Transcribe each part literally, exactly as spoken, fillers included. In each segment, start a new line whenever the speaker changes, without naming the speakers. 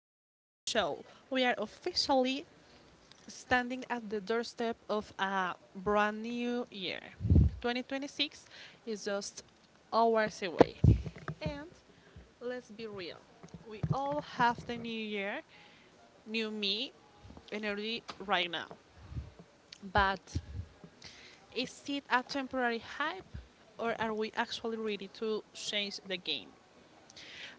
show. We are officially standing at the doorstep of a brand new year. twenty twenty-six is just hours away. And let's be real, we all have the new year, new me energy right now. But is it a temporary hype or are we actually ready to change the game?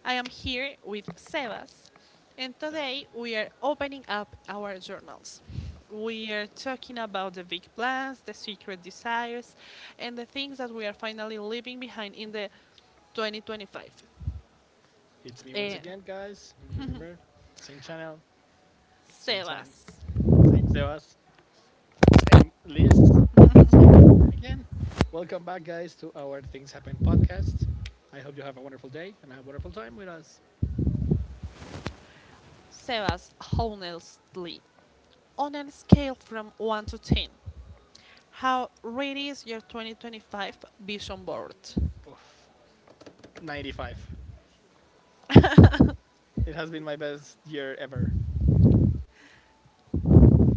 I am here with Sebas, and
That.
today we are opening up our journals. We are talking about the big plans, the secret desires, and the things that we are finally leaving behind in the twenty twenty-five.
It's me once
Eh,
again, guys. Remember, same channel, same time,
Sebas,
same Sebas, same list again. Welcome back, guys, to our Things Happen podcast. I hope you have a wonderful day and a wonderful time with us.
Sebas, honestly, on a scale from one to ten, how ready is your twenty twenty-five vision board?
Oof, ninety-five. It has been my best year ever,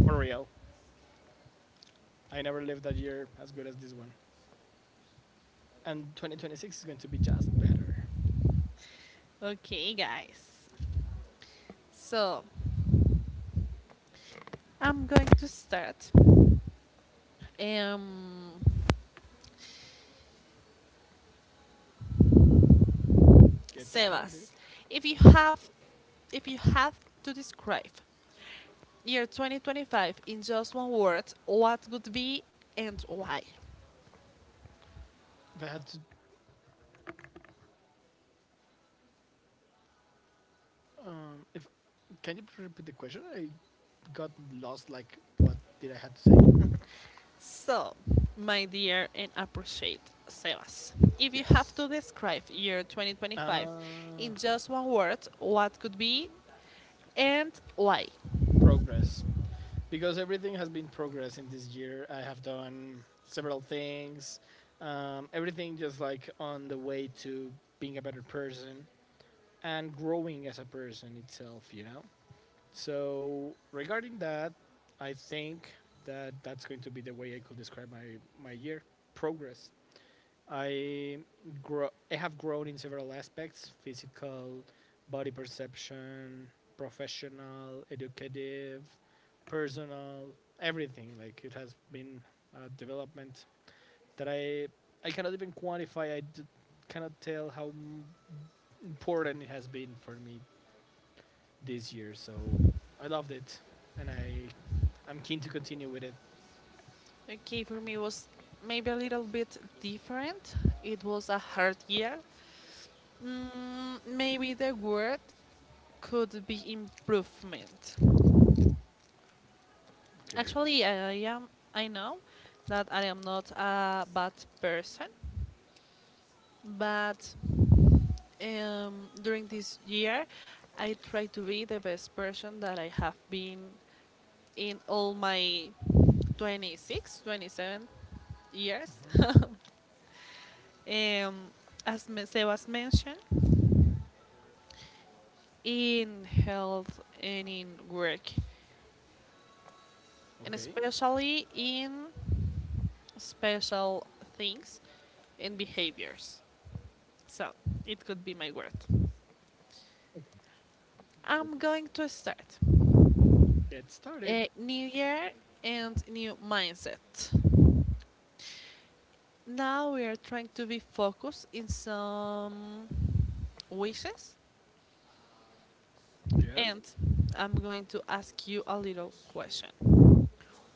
for real. I never lived a year as good as this one. And twenty twenty-six is going to be just better.
Okay, guys. So, I'm going to start. Um,
Get started.
Sebas, if you have if you have to describe year twenty twenty-five in just one word, what would be and why?
If I had to Um, if can you repeat the question? I got lost. Like, what did I had to say?
So, my dear and appreciate Sebas, if you have
Yes.
to describe year twenty twenty-five
Uh,
in just one word, what could be and why?
Progress. Because everything has been progress in this year. I have done several things. Um, everything just like on the way to being a better person and growing as a person itself, you know? So, regarding that, I think that that's going to be the way I could describe my, my year progress. I grow. I have grown in several aspects: physical, body perception, professional, educative, personal, everything. Like it has been a development that I I cannot even quantify. I d- cannot tell how m- important it has been for me this year. So I loved it, and I I'm keen to continue with it.
Okay, for me was maybe a little bit different. It was a hard year. Mm, maybe the word could be improvement?
Okay.
Actually, I am. I know that I am not a bad person, but um, during this year, I try to be the best person that I have been in all my twenty-six, twenty-seven years.
Hmm.
um, as me- Sebas mentioned, in health and in work, and
Okay.
especially in special things and behaviors. So it could be my word. I'm going to start.
Get started.
A new year and new mindset. Now we are trying to be focused in some wishes
Yeah.
and I'm going to ask you a little question.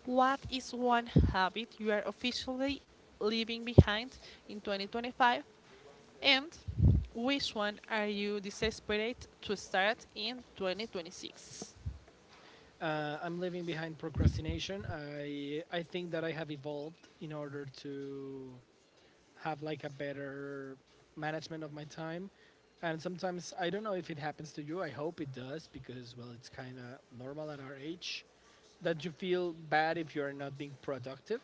What is one habit you are officially leaving behind in twenty twenty-five and which one are you desperate to start in twenty twenty-six?
Uh, I'm living behind procrastination. I I think that I have evolved in order to have like a better management of my time. And sometimes I don't know if it happens to you. I hope it does because well, it's kind of normal at our age that you feel bad if you're not being productive.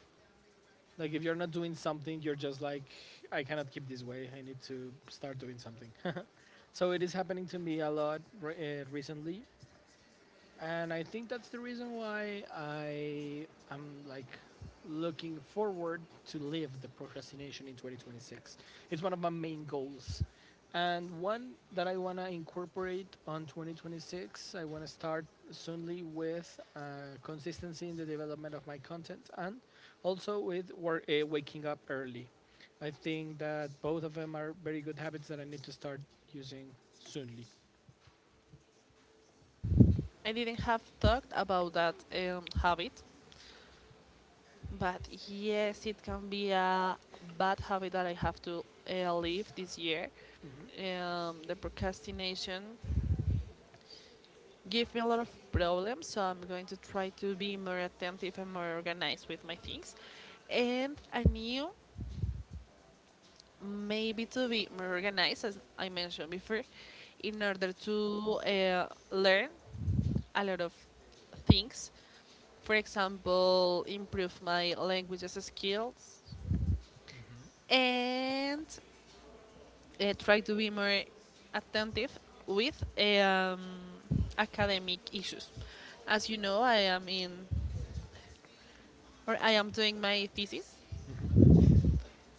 Like if you're not doing something, you're just like I cannot keep this way. I need to start doing something. So it is happening to me a lot re- uh, recently, and I think that's the reason why I am like looking forward to leave the procrastination in twenty twenty-six. It's one of my main goals. And one that I want to incorporate on twenty twenty-six, I want to start soonly with uh, consistency in the development of my content and also with work, uh, waking up early. I think that both of them are very good habits that I need to start using
I didn't have talked about that um, habit, but yes, it can be a bad habit that I have to uh, leave this year. Um, the procrastination gives me a lot of problems, so I'm going to try to be more attentive and more organized with my things. And I knew maybe to be more organized, as I mentioned before, in order to uh, learn a lot of things. For example, improve my languages skills and uh, try to be more attentive with um, academic issues. As you know, I am in or I am doing my thesis.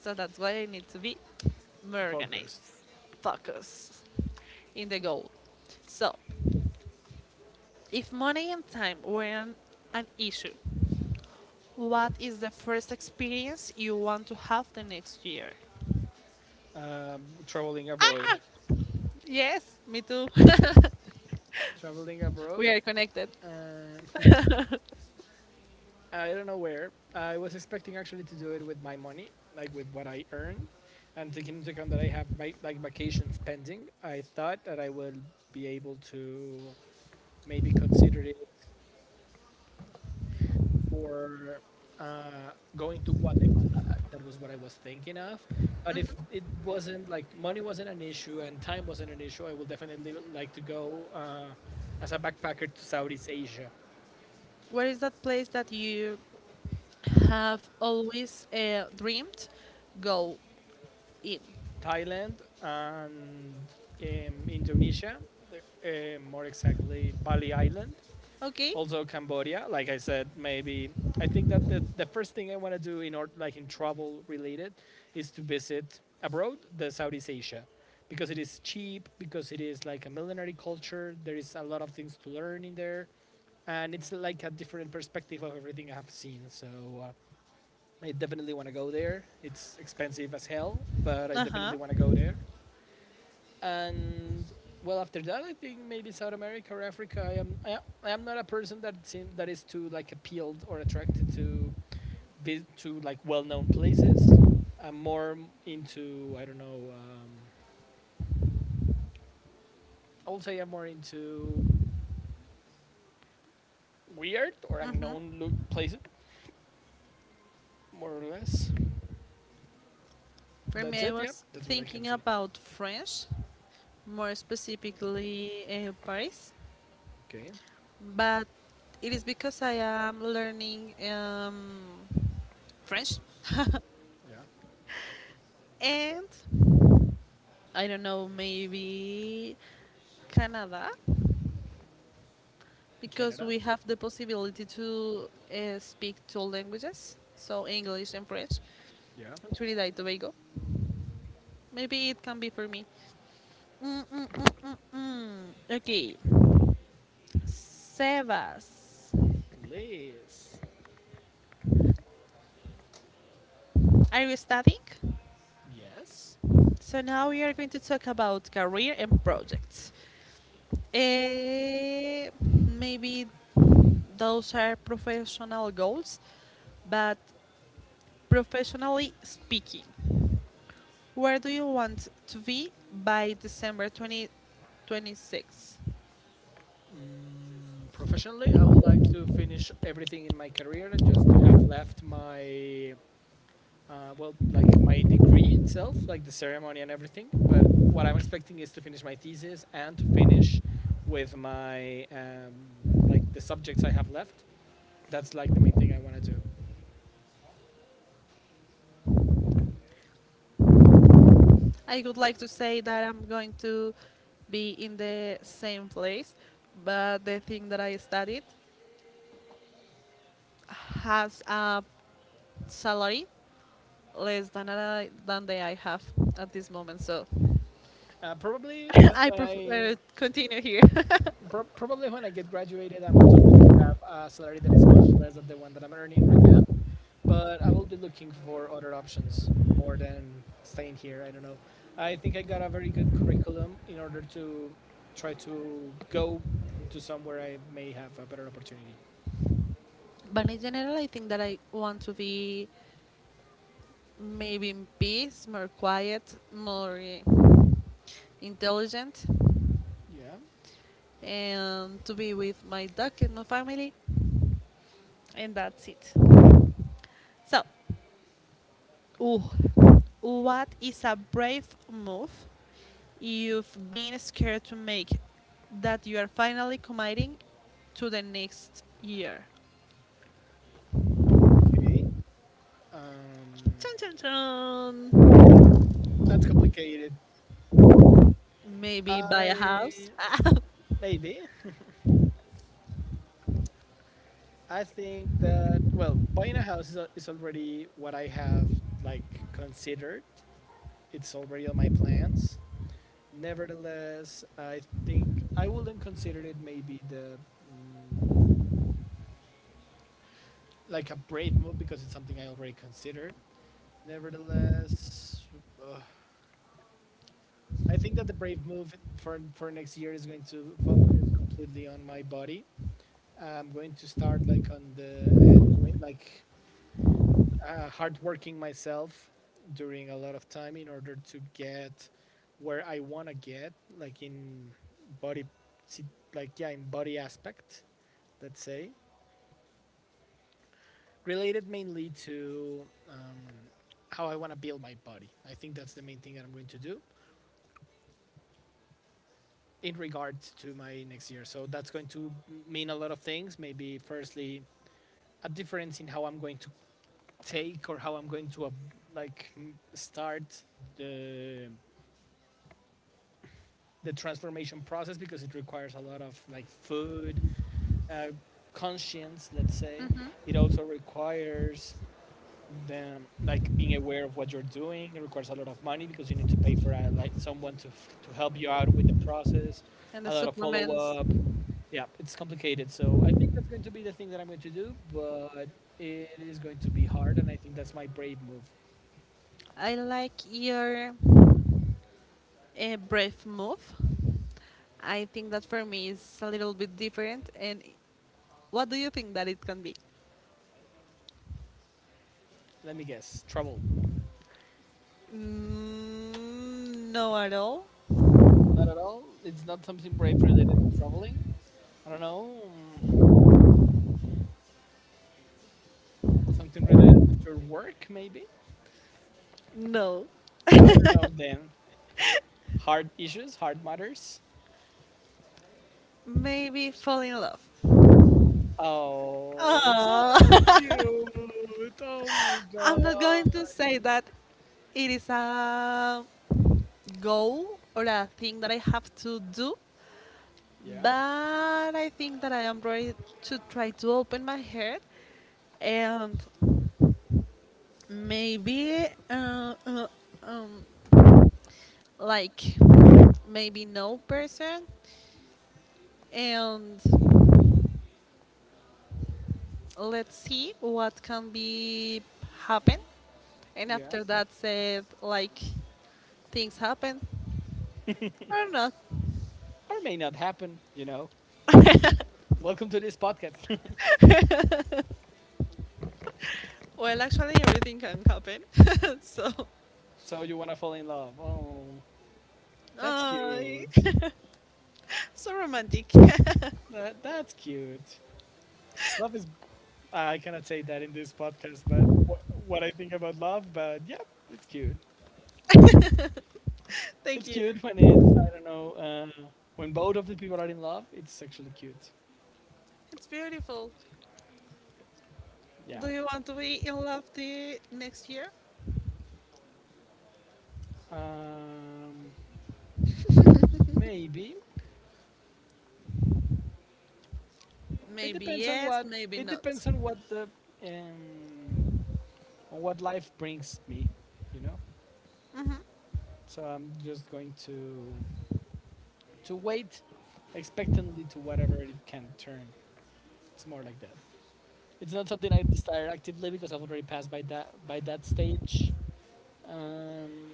So that's why I need to be more organized,
focused.
focused in the goal. So, if money and time weren't an issue, what is the first experience you want to have the next year?
Um, traveling
Ah,
abroad,
yes, me too.
traveling
We
abroad.
are connected.
Uh, I don't know where. I was expecting actually to do it with my money, like with what I earn, and taking into account that I have my like vacations pending. I thought that I would be able to maybe consider it for uh, going to Guatemala. That was what I was thinking of. But if it wasn't like money wasn't an issue and time wasn't an issue, I would definitely like to go uh, as a backpacker to Southeast Asia.
Where is that place that you have always uh, dreamed go in?
Thailand and um, Indonesia, uh, more exactly Bali Island,
Okay.
also Cambodia. Like I said, maybe I think that the, the first thing I want to do in order, like in travel related, is to visit abroad, the Southeast Asia, because it is cheap, because it is like a millenary culture. There is a lot of things to learn in there, and it's like a different perspective of everything I have seen. So. Uh, I definitely want to go there. It's expensive as hell, but I
Uh huh.
definitely want to go there. And well, after that, I think maybe South America or Africa. i am i, I am not a person that seem, that is too like appealed or attracted to be to like well-known places. I'm more into, I don't know, um, I would say I'm more into weird or
Hmm.
unknown lo- places, more or less.
For
That's
me, I
it, yeah,
was
that's what I can
thinking
say.
about French, more specifically uh, Paris,
Okay.
but it is because I am learning um, French
Yeah.
and I don't know, maybe Canada, because
Canada.
we have the possibility to uh, speak two languages, so English and French,
Yeah.
and Trinidad and Tobago. Maybe it can be for me. Mm, mm, mm, mm, mm. Okay, Sebas,
Liz.
are you studying?
Yes.
So now we are going to talk about career and projects. Eh, maybe those are professional goals, but professionally speaking, where do you want to be by December twenty twenty-six?
Mm, professionally, I would like to finish everything in my career and just to have left my, uh, well, like my degree itself, like the ceremony and everything. But what I'm expecting is to finish my thesis and to finish with my, um, like the subjects I have left. That's like the main thing I want to do.
I would like to say that I'm going to be in the same place, but the thing that I studied has a salary less than I, than the I have at this moment. So
Uh, probably when,
I
when I,
prefer continue here.
prob Probably when I get graduated, I'm to have a salary that is much less than the one that I'm earning right now. But I will be looking for other options more than staying here. I don't know. I think I got a very good curriculum in order to try to go to somewhere I may have a better opportunity.
But in general, I think that I want to be maybe in peace, more quiet, more eh, intelligent,
Yeah.
and to be with my dog and my family, and that's it. So, ooh, what is a brave move you've been scared to make that you are finally committing to the next year?
Okay. Um,
Chun chun chun.
that's complicated.
Maybe buy a house.
I maybe. I think that well, buying a house is, al- is already what I have like considered. It's already on my plans. Nevertheless, I think I wouldn't consider it maybe the mm, like a brave move because it's something I already considered. Nevertheless, uh, I think that the brave move for for next year is going to focus completely on my body. I'm going to start like on the uh, doing, like uh, hard working myself during a lot of time in order to get where I want to get, like in body, si- like yeah, in body aspect let's say, related mainly to um, how I want to build my body. I think that's the main thing that I'm going to do in regard to my next year. So that's going to mean a lot of things. Maybe firstly, a difference in how I'm going to take or how I'm going to uh, like start the the transformation process because it requires a lot of like food, uh, conscience, let's say. It also requires then, like being aware of what you're doing. It requires a lot of money because you need to pay for a, like someone to f- to help you out with the process,
And the
a lot of
supplements.
follow-up. Yeah, it's complicated. So I think that's going to be the thing that I'm going to do, but it is going to be hard, and I think that's my brave move.
I like your uh, breath move. I think that for me is a little bit different. And what do you think that it can be?
Let me guess, travel.
Mm, no, at all.
Not at all. It's not something brave related to traveling. I don't know, mm, something related with your work maybe.
No.
I don't know then, hard issues, hard matters.
Maybe fall in love.
Oh, so
Oh.
cute. Oh my god.
I'm not going to say that it is a goal or a thing that I have to do,
Yeah,
but I think that I am ready to try to open my head and maybe uh, uh, um, like maybe no person and let's see what can be happen and
yeah.
after that said like things happen or not.
Or may not happen, you know. Welcome to this podcast.
Well, actually, everything can happen. So,
So you wanna fall in love. Oh, that's
uh,
cute.
so romantic.
That that's cute. Love is, I cannot say that in this podcast, but wh- what I think about love, but yeah, it's cute.
Thank
It's
you.
cute when it's I don't know, uh, when both of the people are in love, it's actually cute.
It's beautiful.
Yeah.
Do you want to be in love the next year?
Um Maybe. It
Maybe
depends on
yes,
what,
maybe
it
not.
depends on what the um, on what life brings me, you know.
Mhm.
So I'm just going to to wait expectantly to whatever it can turn. It's more like that. It's not something I desire actively because I've already passed by that by that stage. Um,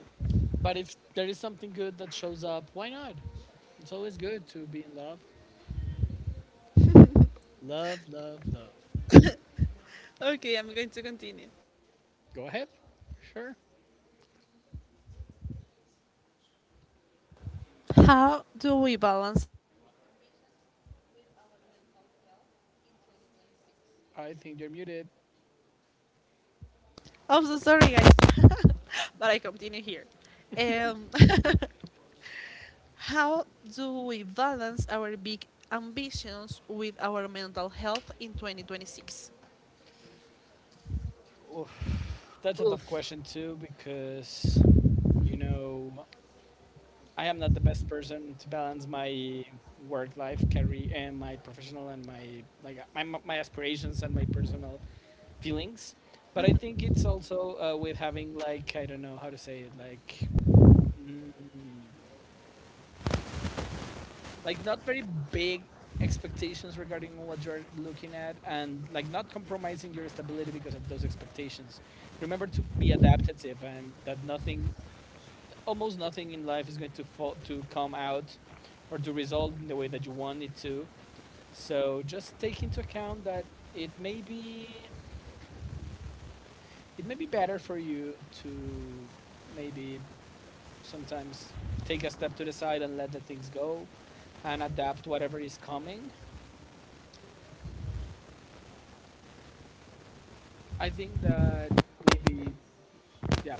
but if there is something good that shows up, why not? It's always good to be in love. Love, love, love.
Okay, I'm going to continue.
Go ahead. Sure.
How do we balance?
I think you're muted.
I'm so sorry, guys, but I continue here. Um, how do we balance our big ambitions with our mental health in twenty twenty-six?
Oof. That's a tough question too, because you know I am not the best person to balance my work life, career, and my professional and my like my my aspirations and my personal feelings. But I think it's also uh, with having like I don't know how to say it like mm, like not very big expectations regarding what you're looking at and like not compromising your stability because of those expectations. Remember to be adaptive and that nothing, almost nothing in life is going to fall, to come out or to result in the way that you want it to. So just take into account that it may be it may be better for you to maybe sometimes take a step to the side and let the things go and adapt whatever is coming. I think that maybe yeah,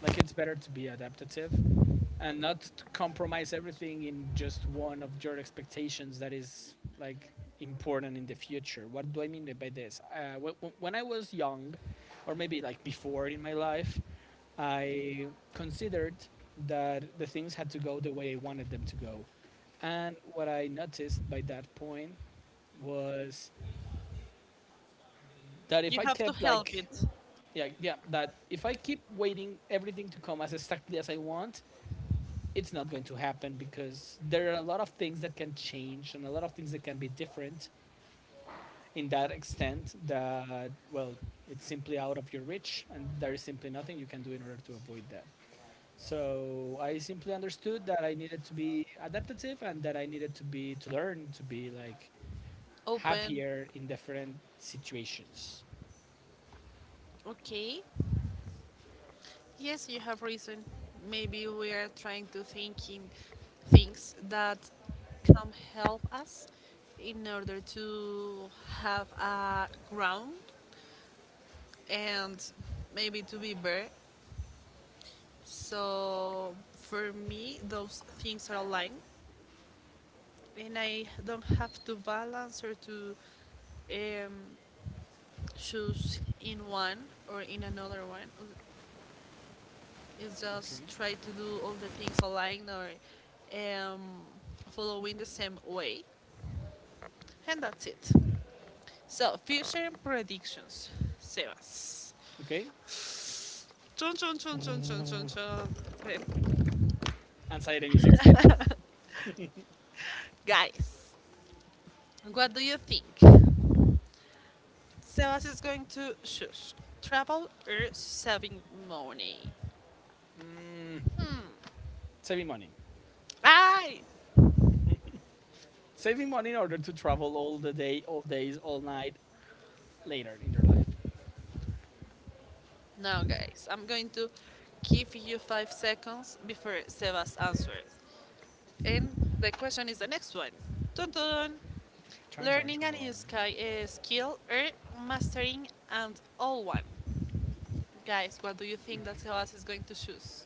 like it's better to be adaptive. And not to compromise everything in just one of your expectations that is like important in the future. What do I mean by this? Uh, when I was young, or maybe like before in my life, I considered that the things had to go the way I wanted them to go. And what I noticed by that point was that if
You
I
have to
kept
help
like
it
yeah yeah that if I keep waiting everything to come as exactly as I want, it's not going to happen because there are a lot of things that can change and a lot of things that can be different in that extent that well, it's simply out of your reach and there is simply nothing you can do in order to avoid that. So I simply understood that I needed to be adaptive and that I needed to be to learn to be like
open.
happier in different situations.
Okay. Yes, you have reason. Maybe we are trying to think in things that can help us in order to have a ground and maybe to be better. So for me, those things are aligned, and I don't have to balance or to um, choose in one or in another one. You just
Okay.
try to do all the things online or um, following the same way. And that's it. So, future predictions, Sebas.
Okay.
Chun chun chun chun chun chun chun.
Anxiety music styles.
Guys, what do you think? Sebas is going to choose travel or saving money.
Mm,
Hmm.
Saving money.
I
Saving money in order to travel all the day, all days, all night later in your life.
Now, guys, I'm going to give you five seconds before Sebas answers. And the question is the next one. Dun dun.
Chon chon
Learning a new
chon.
sky, uh, skill or mastering and all one. Guys, what do you think that Sebas is going to choose?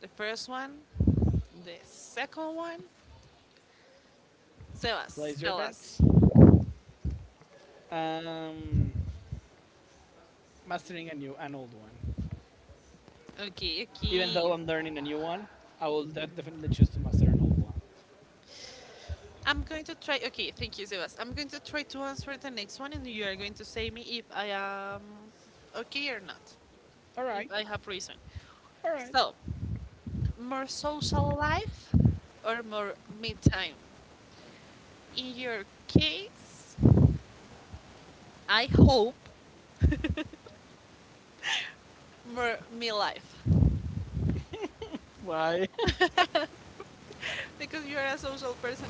The first one, the second one. Sebas,
Place your
tell us.
bets. Um, Mastering a new an old one.
Okay,
Even
okay.
though I'm learning a new one, I will definitely choose to master an old one.
I'm going to try. Okay, thank you, Sebas. I'm going to try to answer the next one, and you are going to say me if I am okay or not,
All right,
if I have reason.
all right.
So, more social life or more me time? In your case, I hope mer- me life
Why?
because you're a social person,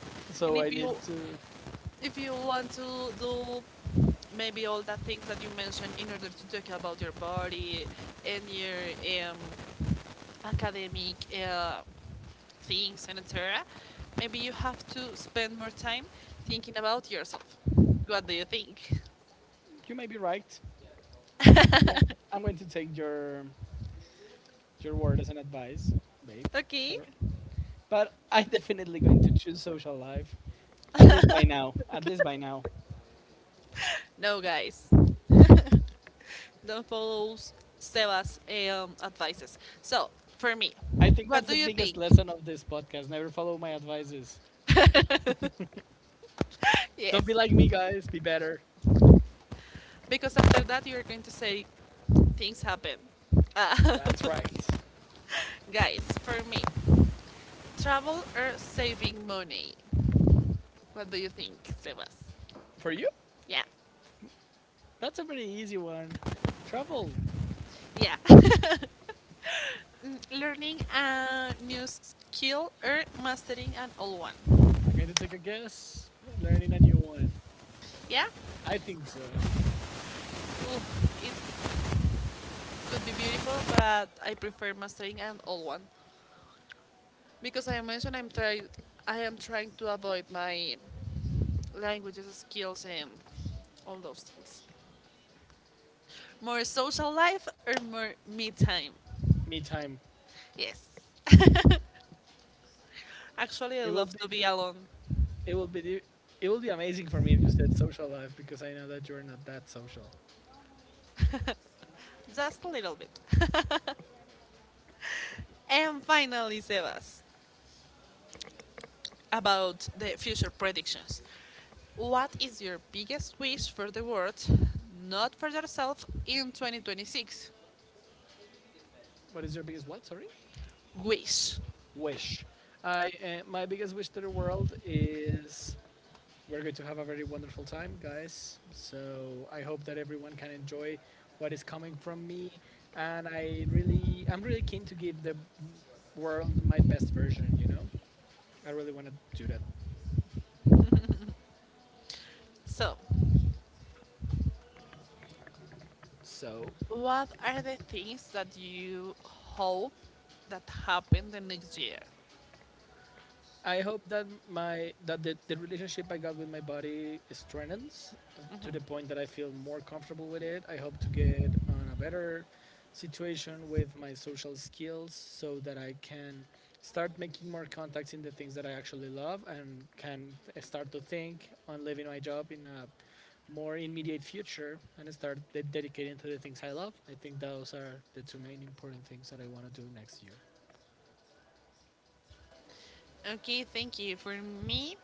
and
So I
if you
need to.
if you want to do maybe all the things that you mentioned in order to talk about your body and your um, academic uh, things and et cetera, maybe you have to spend more time thinking about yourself. What do you think?
You may be right. I'm going, I'm going to take your your word as an advice, babe,
Okay.
sir. But I'm definitely going to choose social life. At least by now. At least by now.
No, guys, don't follow Seba's um, advices. So, for me,
I think
what
that's the
do you
biggest
think?
lesson of this podcast. Never follow my advices. Don't be
Yes,
like me, guys. Be better.
because after that you're going to say things happen. Uh,
That's right.
guys, for me, travel or saving money? What do you think, Sebas?
For you,
Yeah,
that's a pretty easy one. Travel.
yeah. Mm, Learning a new skill or mastering an old one?
I'm going to take a guess. Learning a new one.
Yeah,
I think so.
ooh, it could be beautiful, but I prefer mastering an old one. Because I mentioned I'm trying, I am trying to avoid my languages skills and all those things. More social life or more me time?
Me time.
Yes. Actually, I
It will
love
be.
to be alone,
It will be. It will be amazing for me if you said social life because I know that you're not that social.
just a little bit. And finally, Sebas, about the future predictions. What is your biggest wish for the world, not for yourself, in twenty twenty-six?
What is your biggest what? Sorry.
Wish.
Wish. I uh, my biggest wish to the world is we're going to have a very wonderful time, guys. So I hope that everyone can enjoy what is coming from me, and I really, I'm really keen to give the world my best version. You know, I really want to do that.
So,
So
what are the things that you hope that happen the next year?
I hope that my that the, the relationship I got with my body strengthens to the point that I feel more comfortable with it. I hope to get on a better situation with my social skills so that I can start making more contacts in the things that I actually love and can start to think on leaving my job in a more immediate future and start de- dedicating to the things I love. I think those are the two main important things that I want to do next year.
Okay, thank you. For me,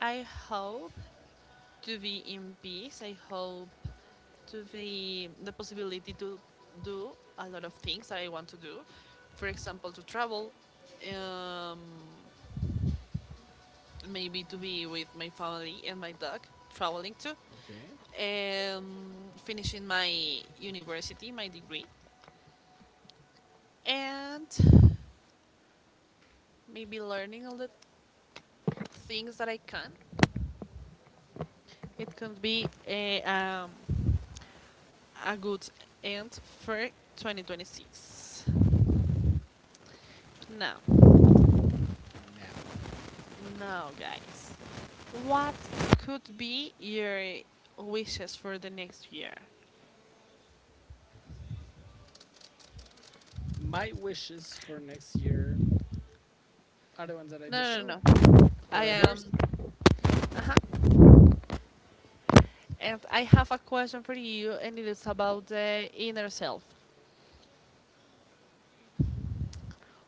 I hope to be in peace. I hope to be the possibility to do a lot of things that I want to do. For example, to travel, um, maybe to be with my family and my dog, traveling too,
Okay.
um, finishing my university, my degree, and maybe learning all the things that I can. It could be a, um, a good end for twenty twenty-six. Now,
Now,
Now, guys, what could be your wishes for the next year?
my wishes for next year are the ones that I just
No, no,
showed.
no. I
What are
am.
yours? Yeah.
Uh-huh. And I have a question for you, and it is about the inner self.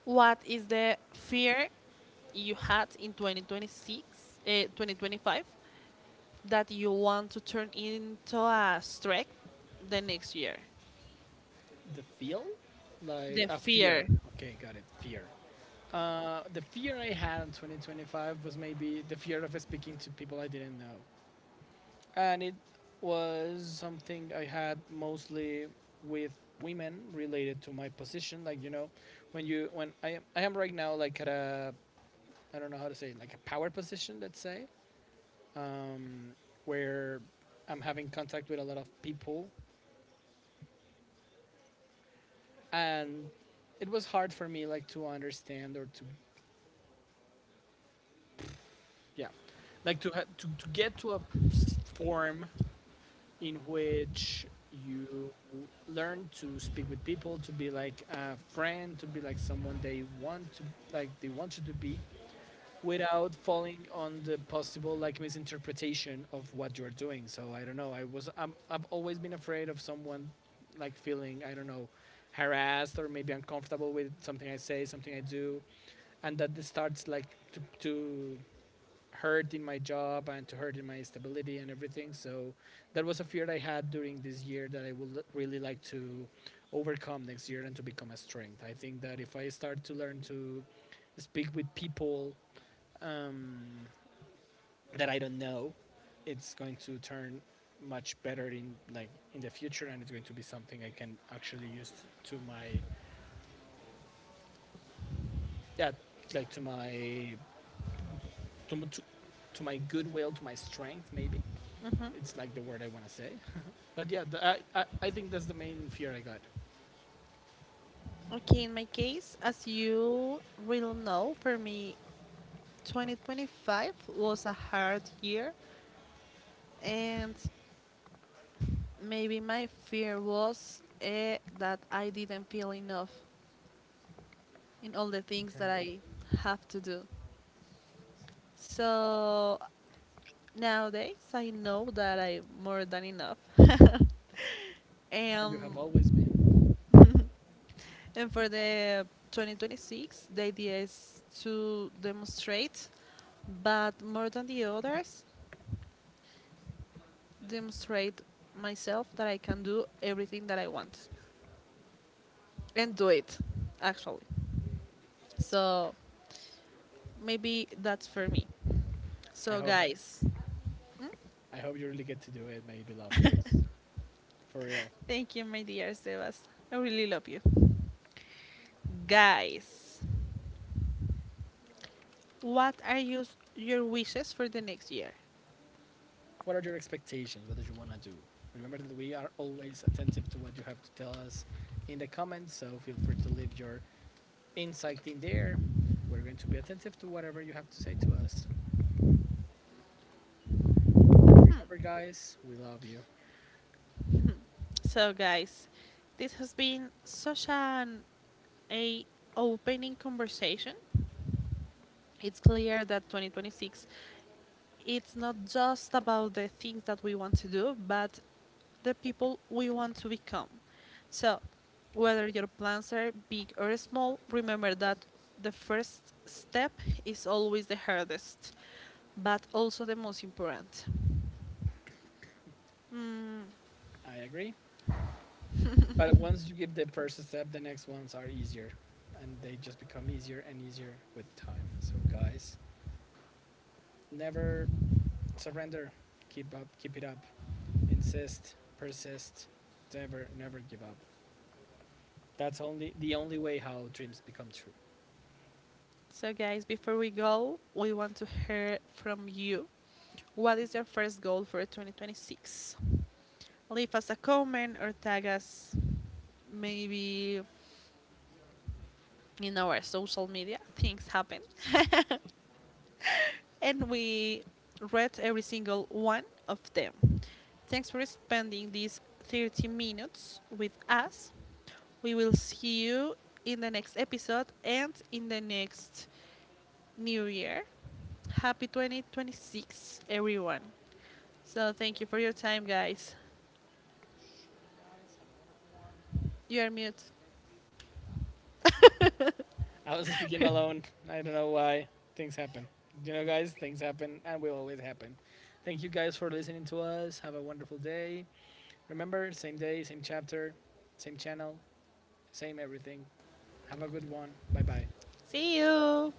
What is the fear you had in twenty twenty-six, uh, twenty twenty-five that you want to turn into a strength the next year?
The feel? Like
The
a
fear.
fear. Okay, got it. Fear. Uh, the fear I had in twenty twenty-five was maybe the fear of speaking to people I didn't know. And it was something I had mostly with women related to my position. Like, you know, when you, when I am, I am right now like at a, I don't know how to say, it, like a power position, let's say. um, where I'm having contact with a lot of people, and it was hard for me like to understand or to, yeah, like to ha- to, to get to a form in which you learn to speak with people, to be like a friend, to be like someone they want to like they want you to be, without falling on the possible like misinterpretation of what you're doing. So I don't know. I was I'm, I've always been afraid of someone like feeling I don't know harassed or maybe uncomfortable with something I say, something I do, and that this starts like to, to hurt in my job and to hurt in my stability and everything. So that was a fear I had during this year that I would really like to overcome next year and to become a strength. I think that if I start to learn to speak with people um, that I don't know, it's going to turn much better in like in the future, and it's going to be something I can actually use to my yeah, like to my to to, to my goodwill, to my strength, maybe. It's like the word I want to say. But yeah, the, I, I I think that's the main fear I got.
Okay, in my case, as you will know, for me, twenty twenty-five was a hard year, and maybe my fear was eh, that I didn't feel enough in all the things
Okay.
that I have to do. So nowadays, I know that I'm more than enough.
And you have
Um,
always been.
And for the twenty twenty-six, the idea is to demonstrate, but more than the others, demonstrate myself that I can do everything that I want and do it, actually. So maybe that's for me.
I
So,
hope
guys,
I hope you really get to do it, my beloved Liz. For real.
thank you, my dear Sebas. I really love you. Guys, what are your your wishes for the next year?
What are your expectations? What do you want to do? Remember that we are always attentive to what you have to tell us in the comments, so feel free to leave your insight in there. We're going to be attentive to whatever you have to say to us. And remember,
Hmm.
guys, we love you.
So, guys, this has been such an a opening conversation. It's clear that twenty twenty-six, it's not just about the things that we want to do, but the people we want to become. So, whether your plans are big or small, remember that the first step is always the hardest, but also the most important. Mm.
I agree. But once you give the first step, the next ones are easier. And they just become easier and easier with time. So, guys, never surrender. Keep up, keep it up. Insist, persist. Never, never give up. That's only the only way how dreams become true.
So, guys, before we go, we want to hear from you. What is your first goal for twenty twenty-six? Leave us a comment or tag us maybe in our social media. Things happen. And we read every single one of them. Thanks for spending these thirty minutes with us. We will see you in the next episode and in the next new year. Happy twenty twenty-six, everyone. So, thank you for your time, guys. You are mute.
I was speaking alone. I don't know why. Things happen. You know, guys, things happen and will always happen. Thank you guys for listening to us. Have a wonderful day. Remember, same day, same chapter, same channel, same everything. Have a good one. Bye bye.
See you.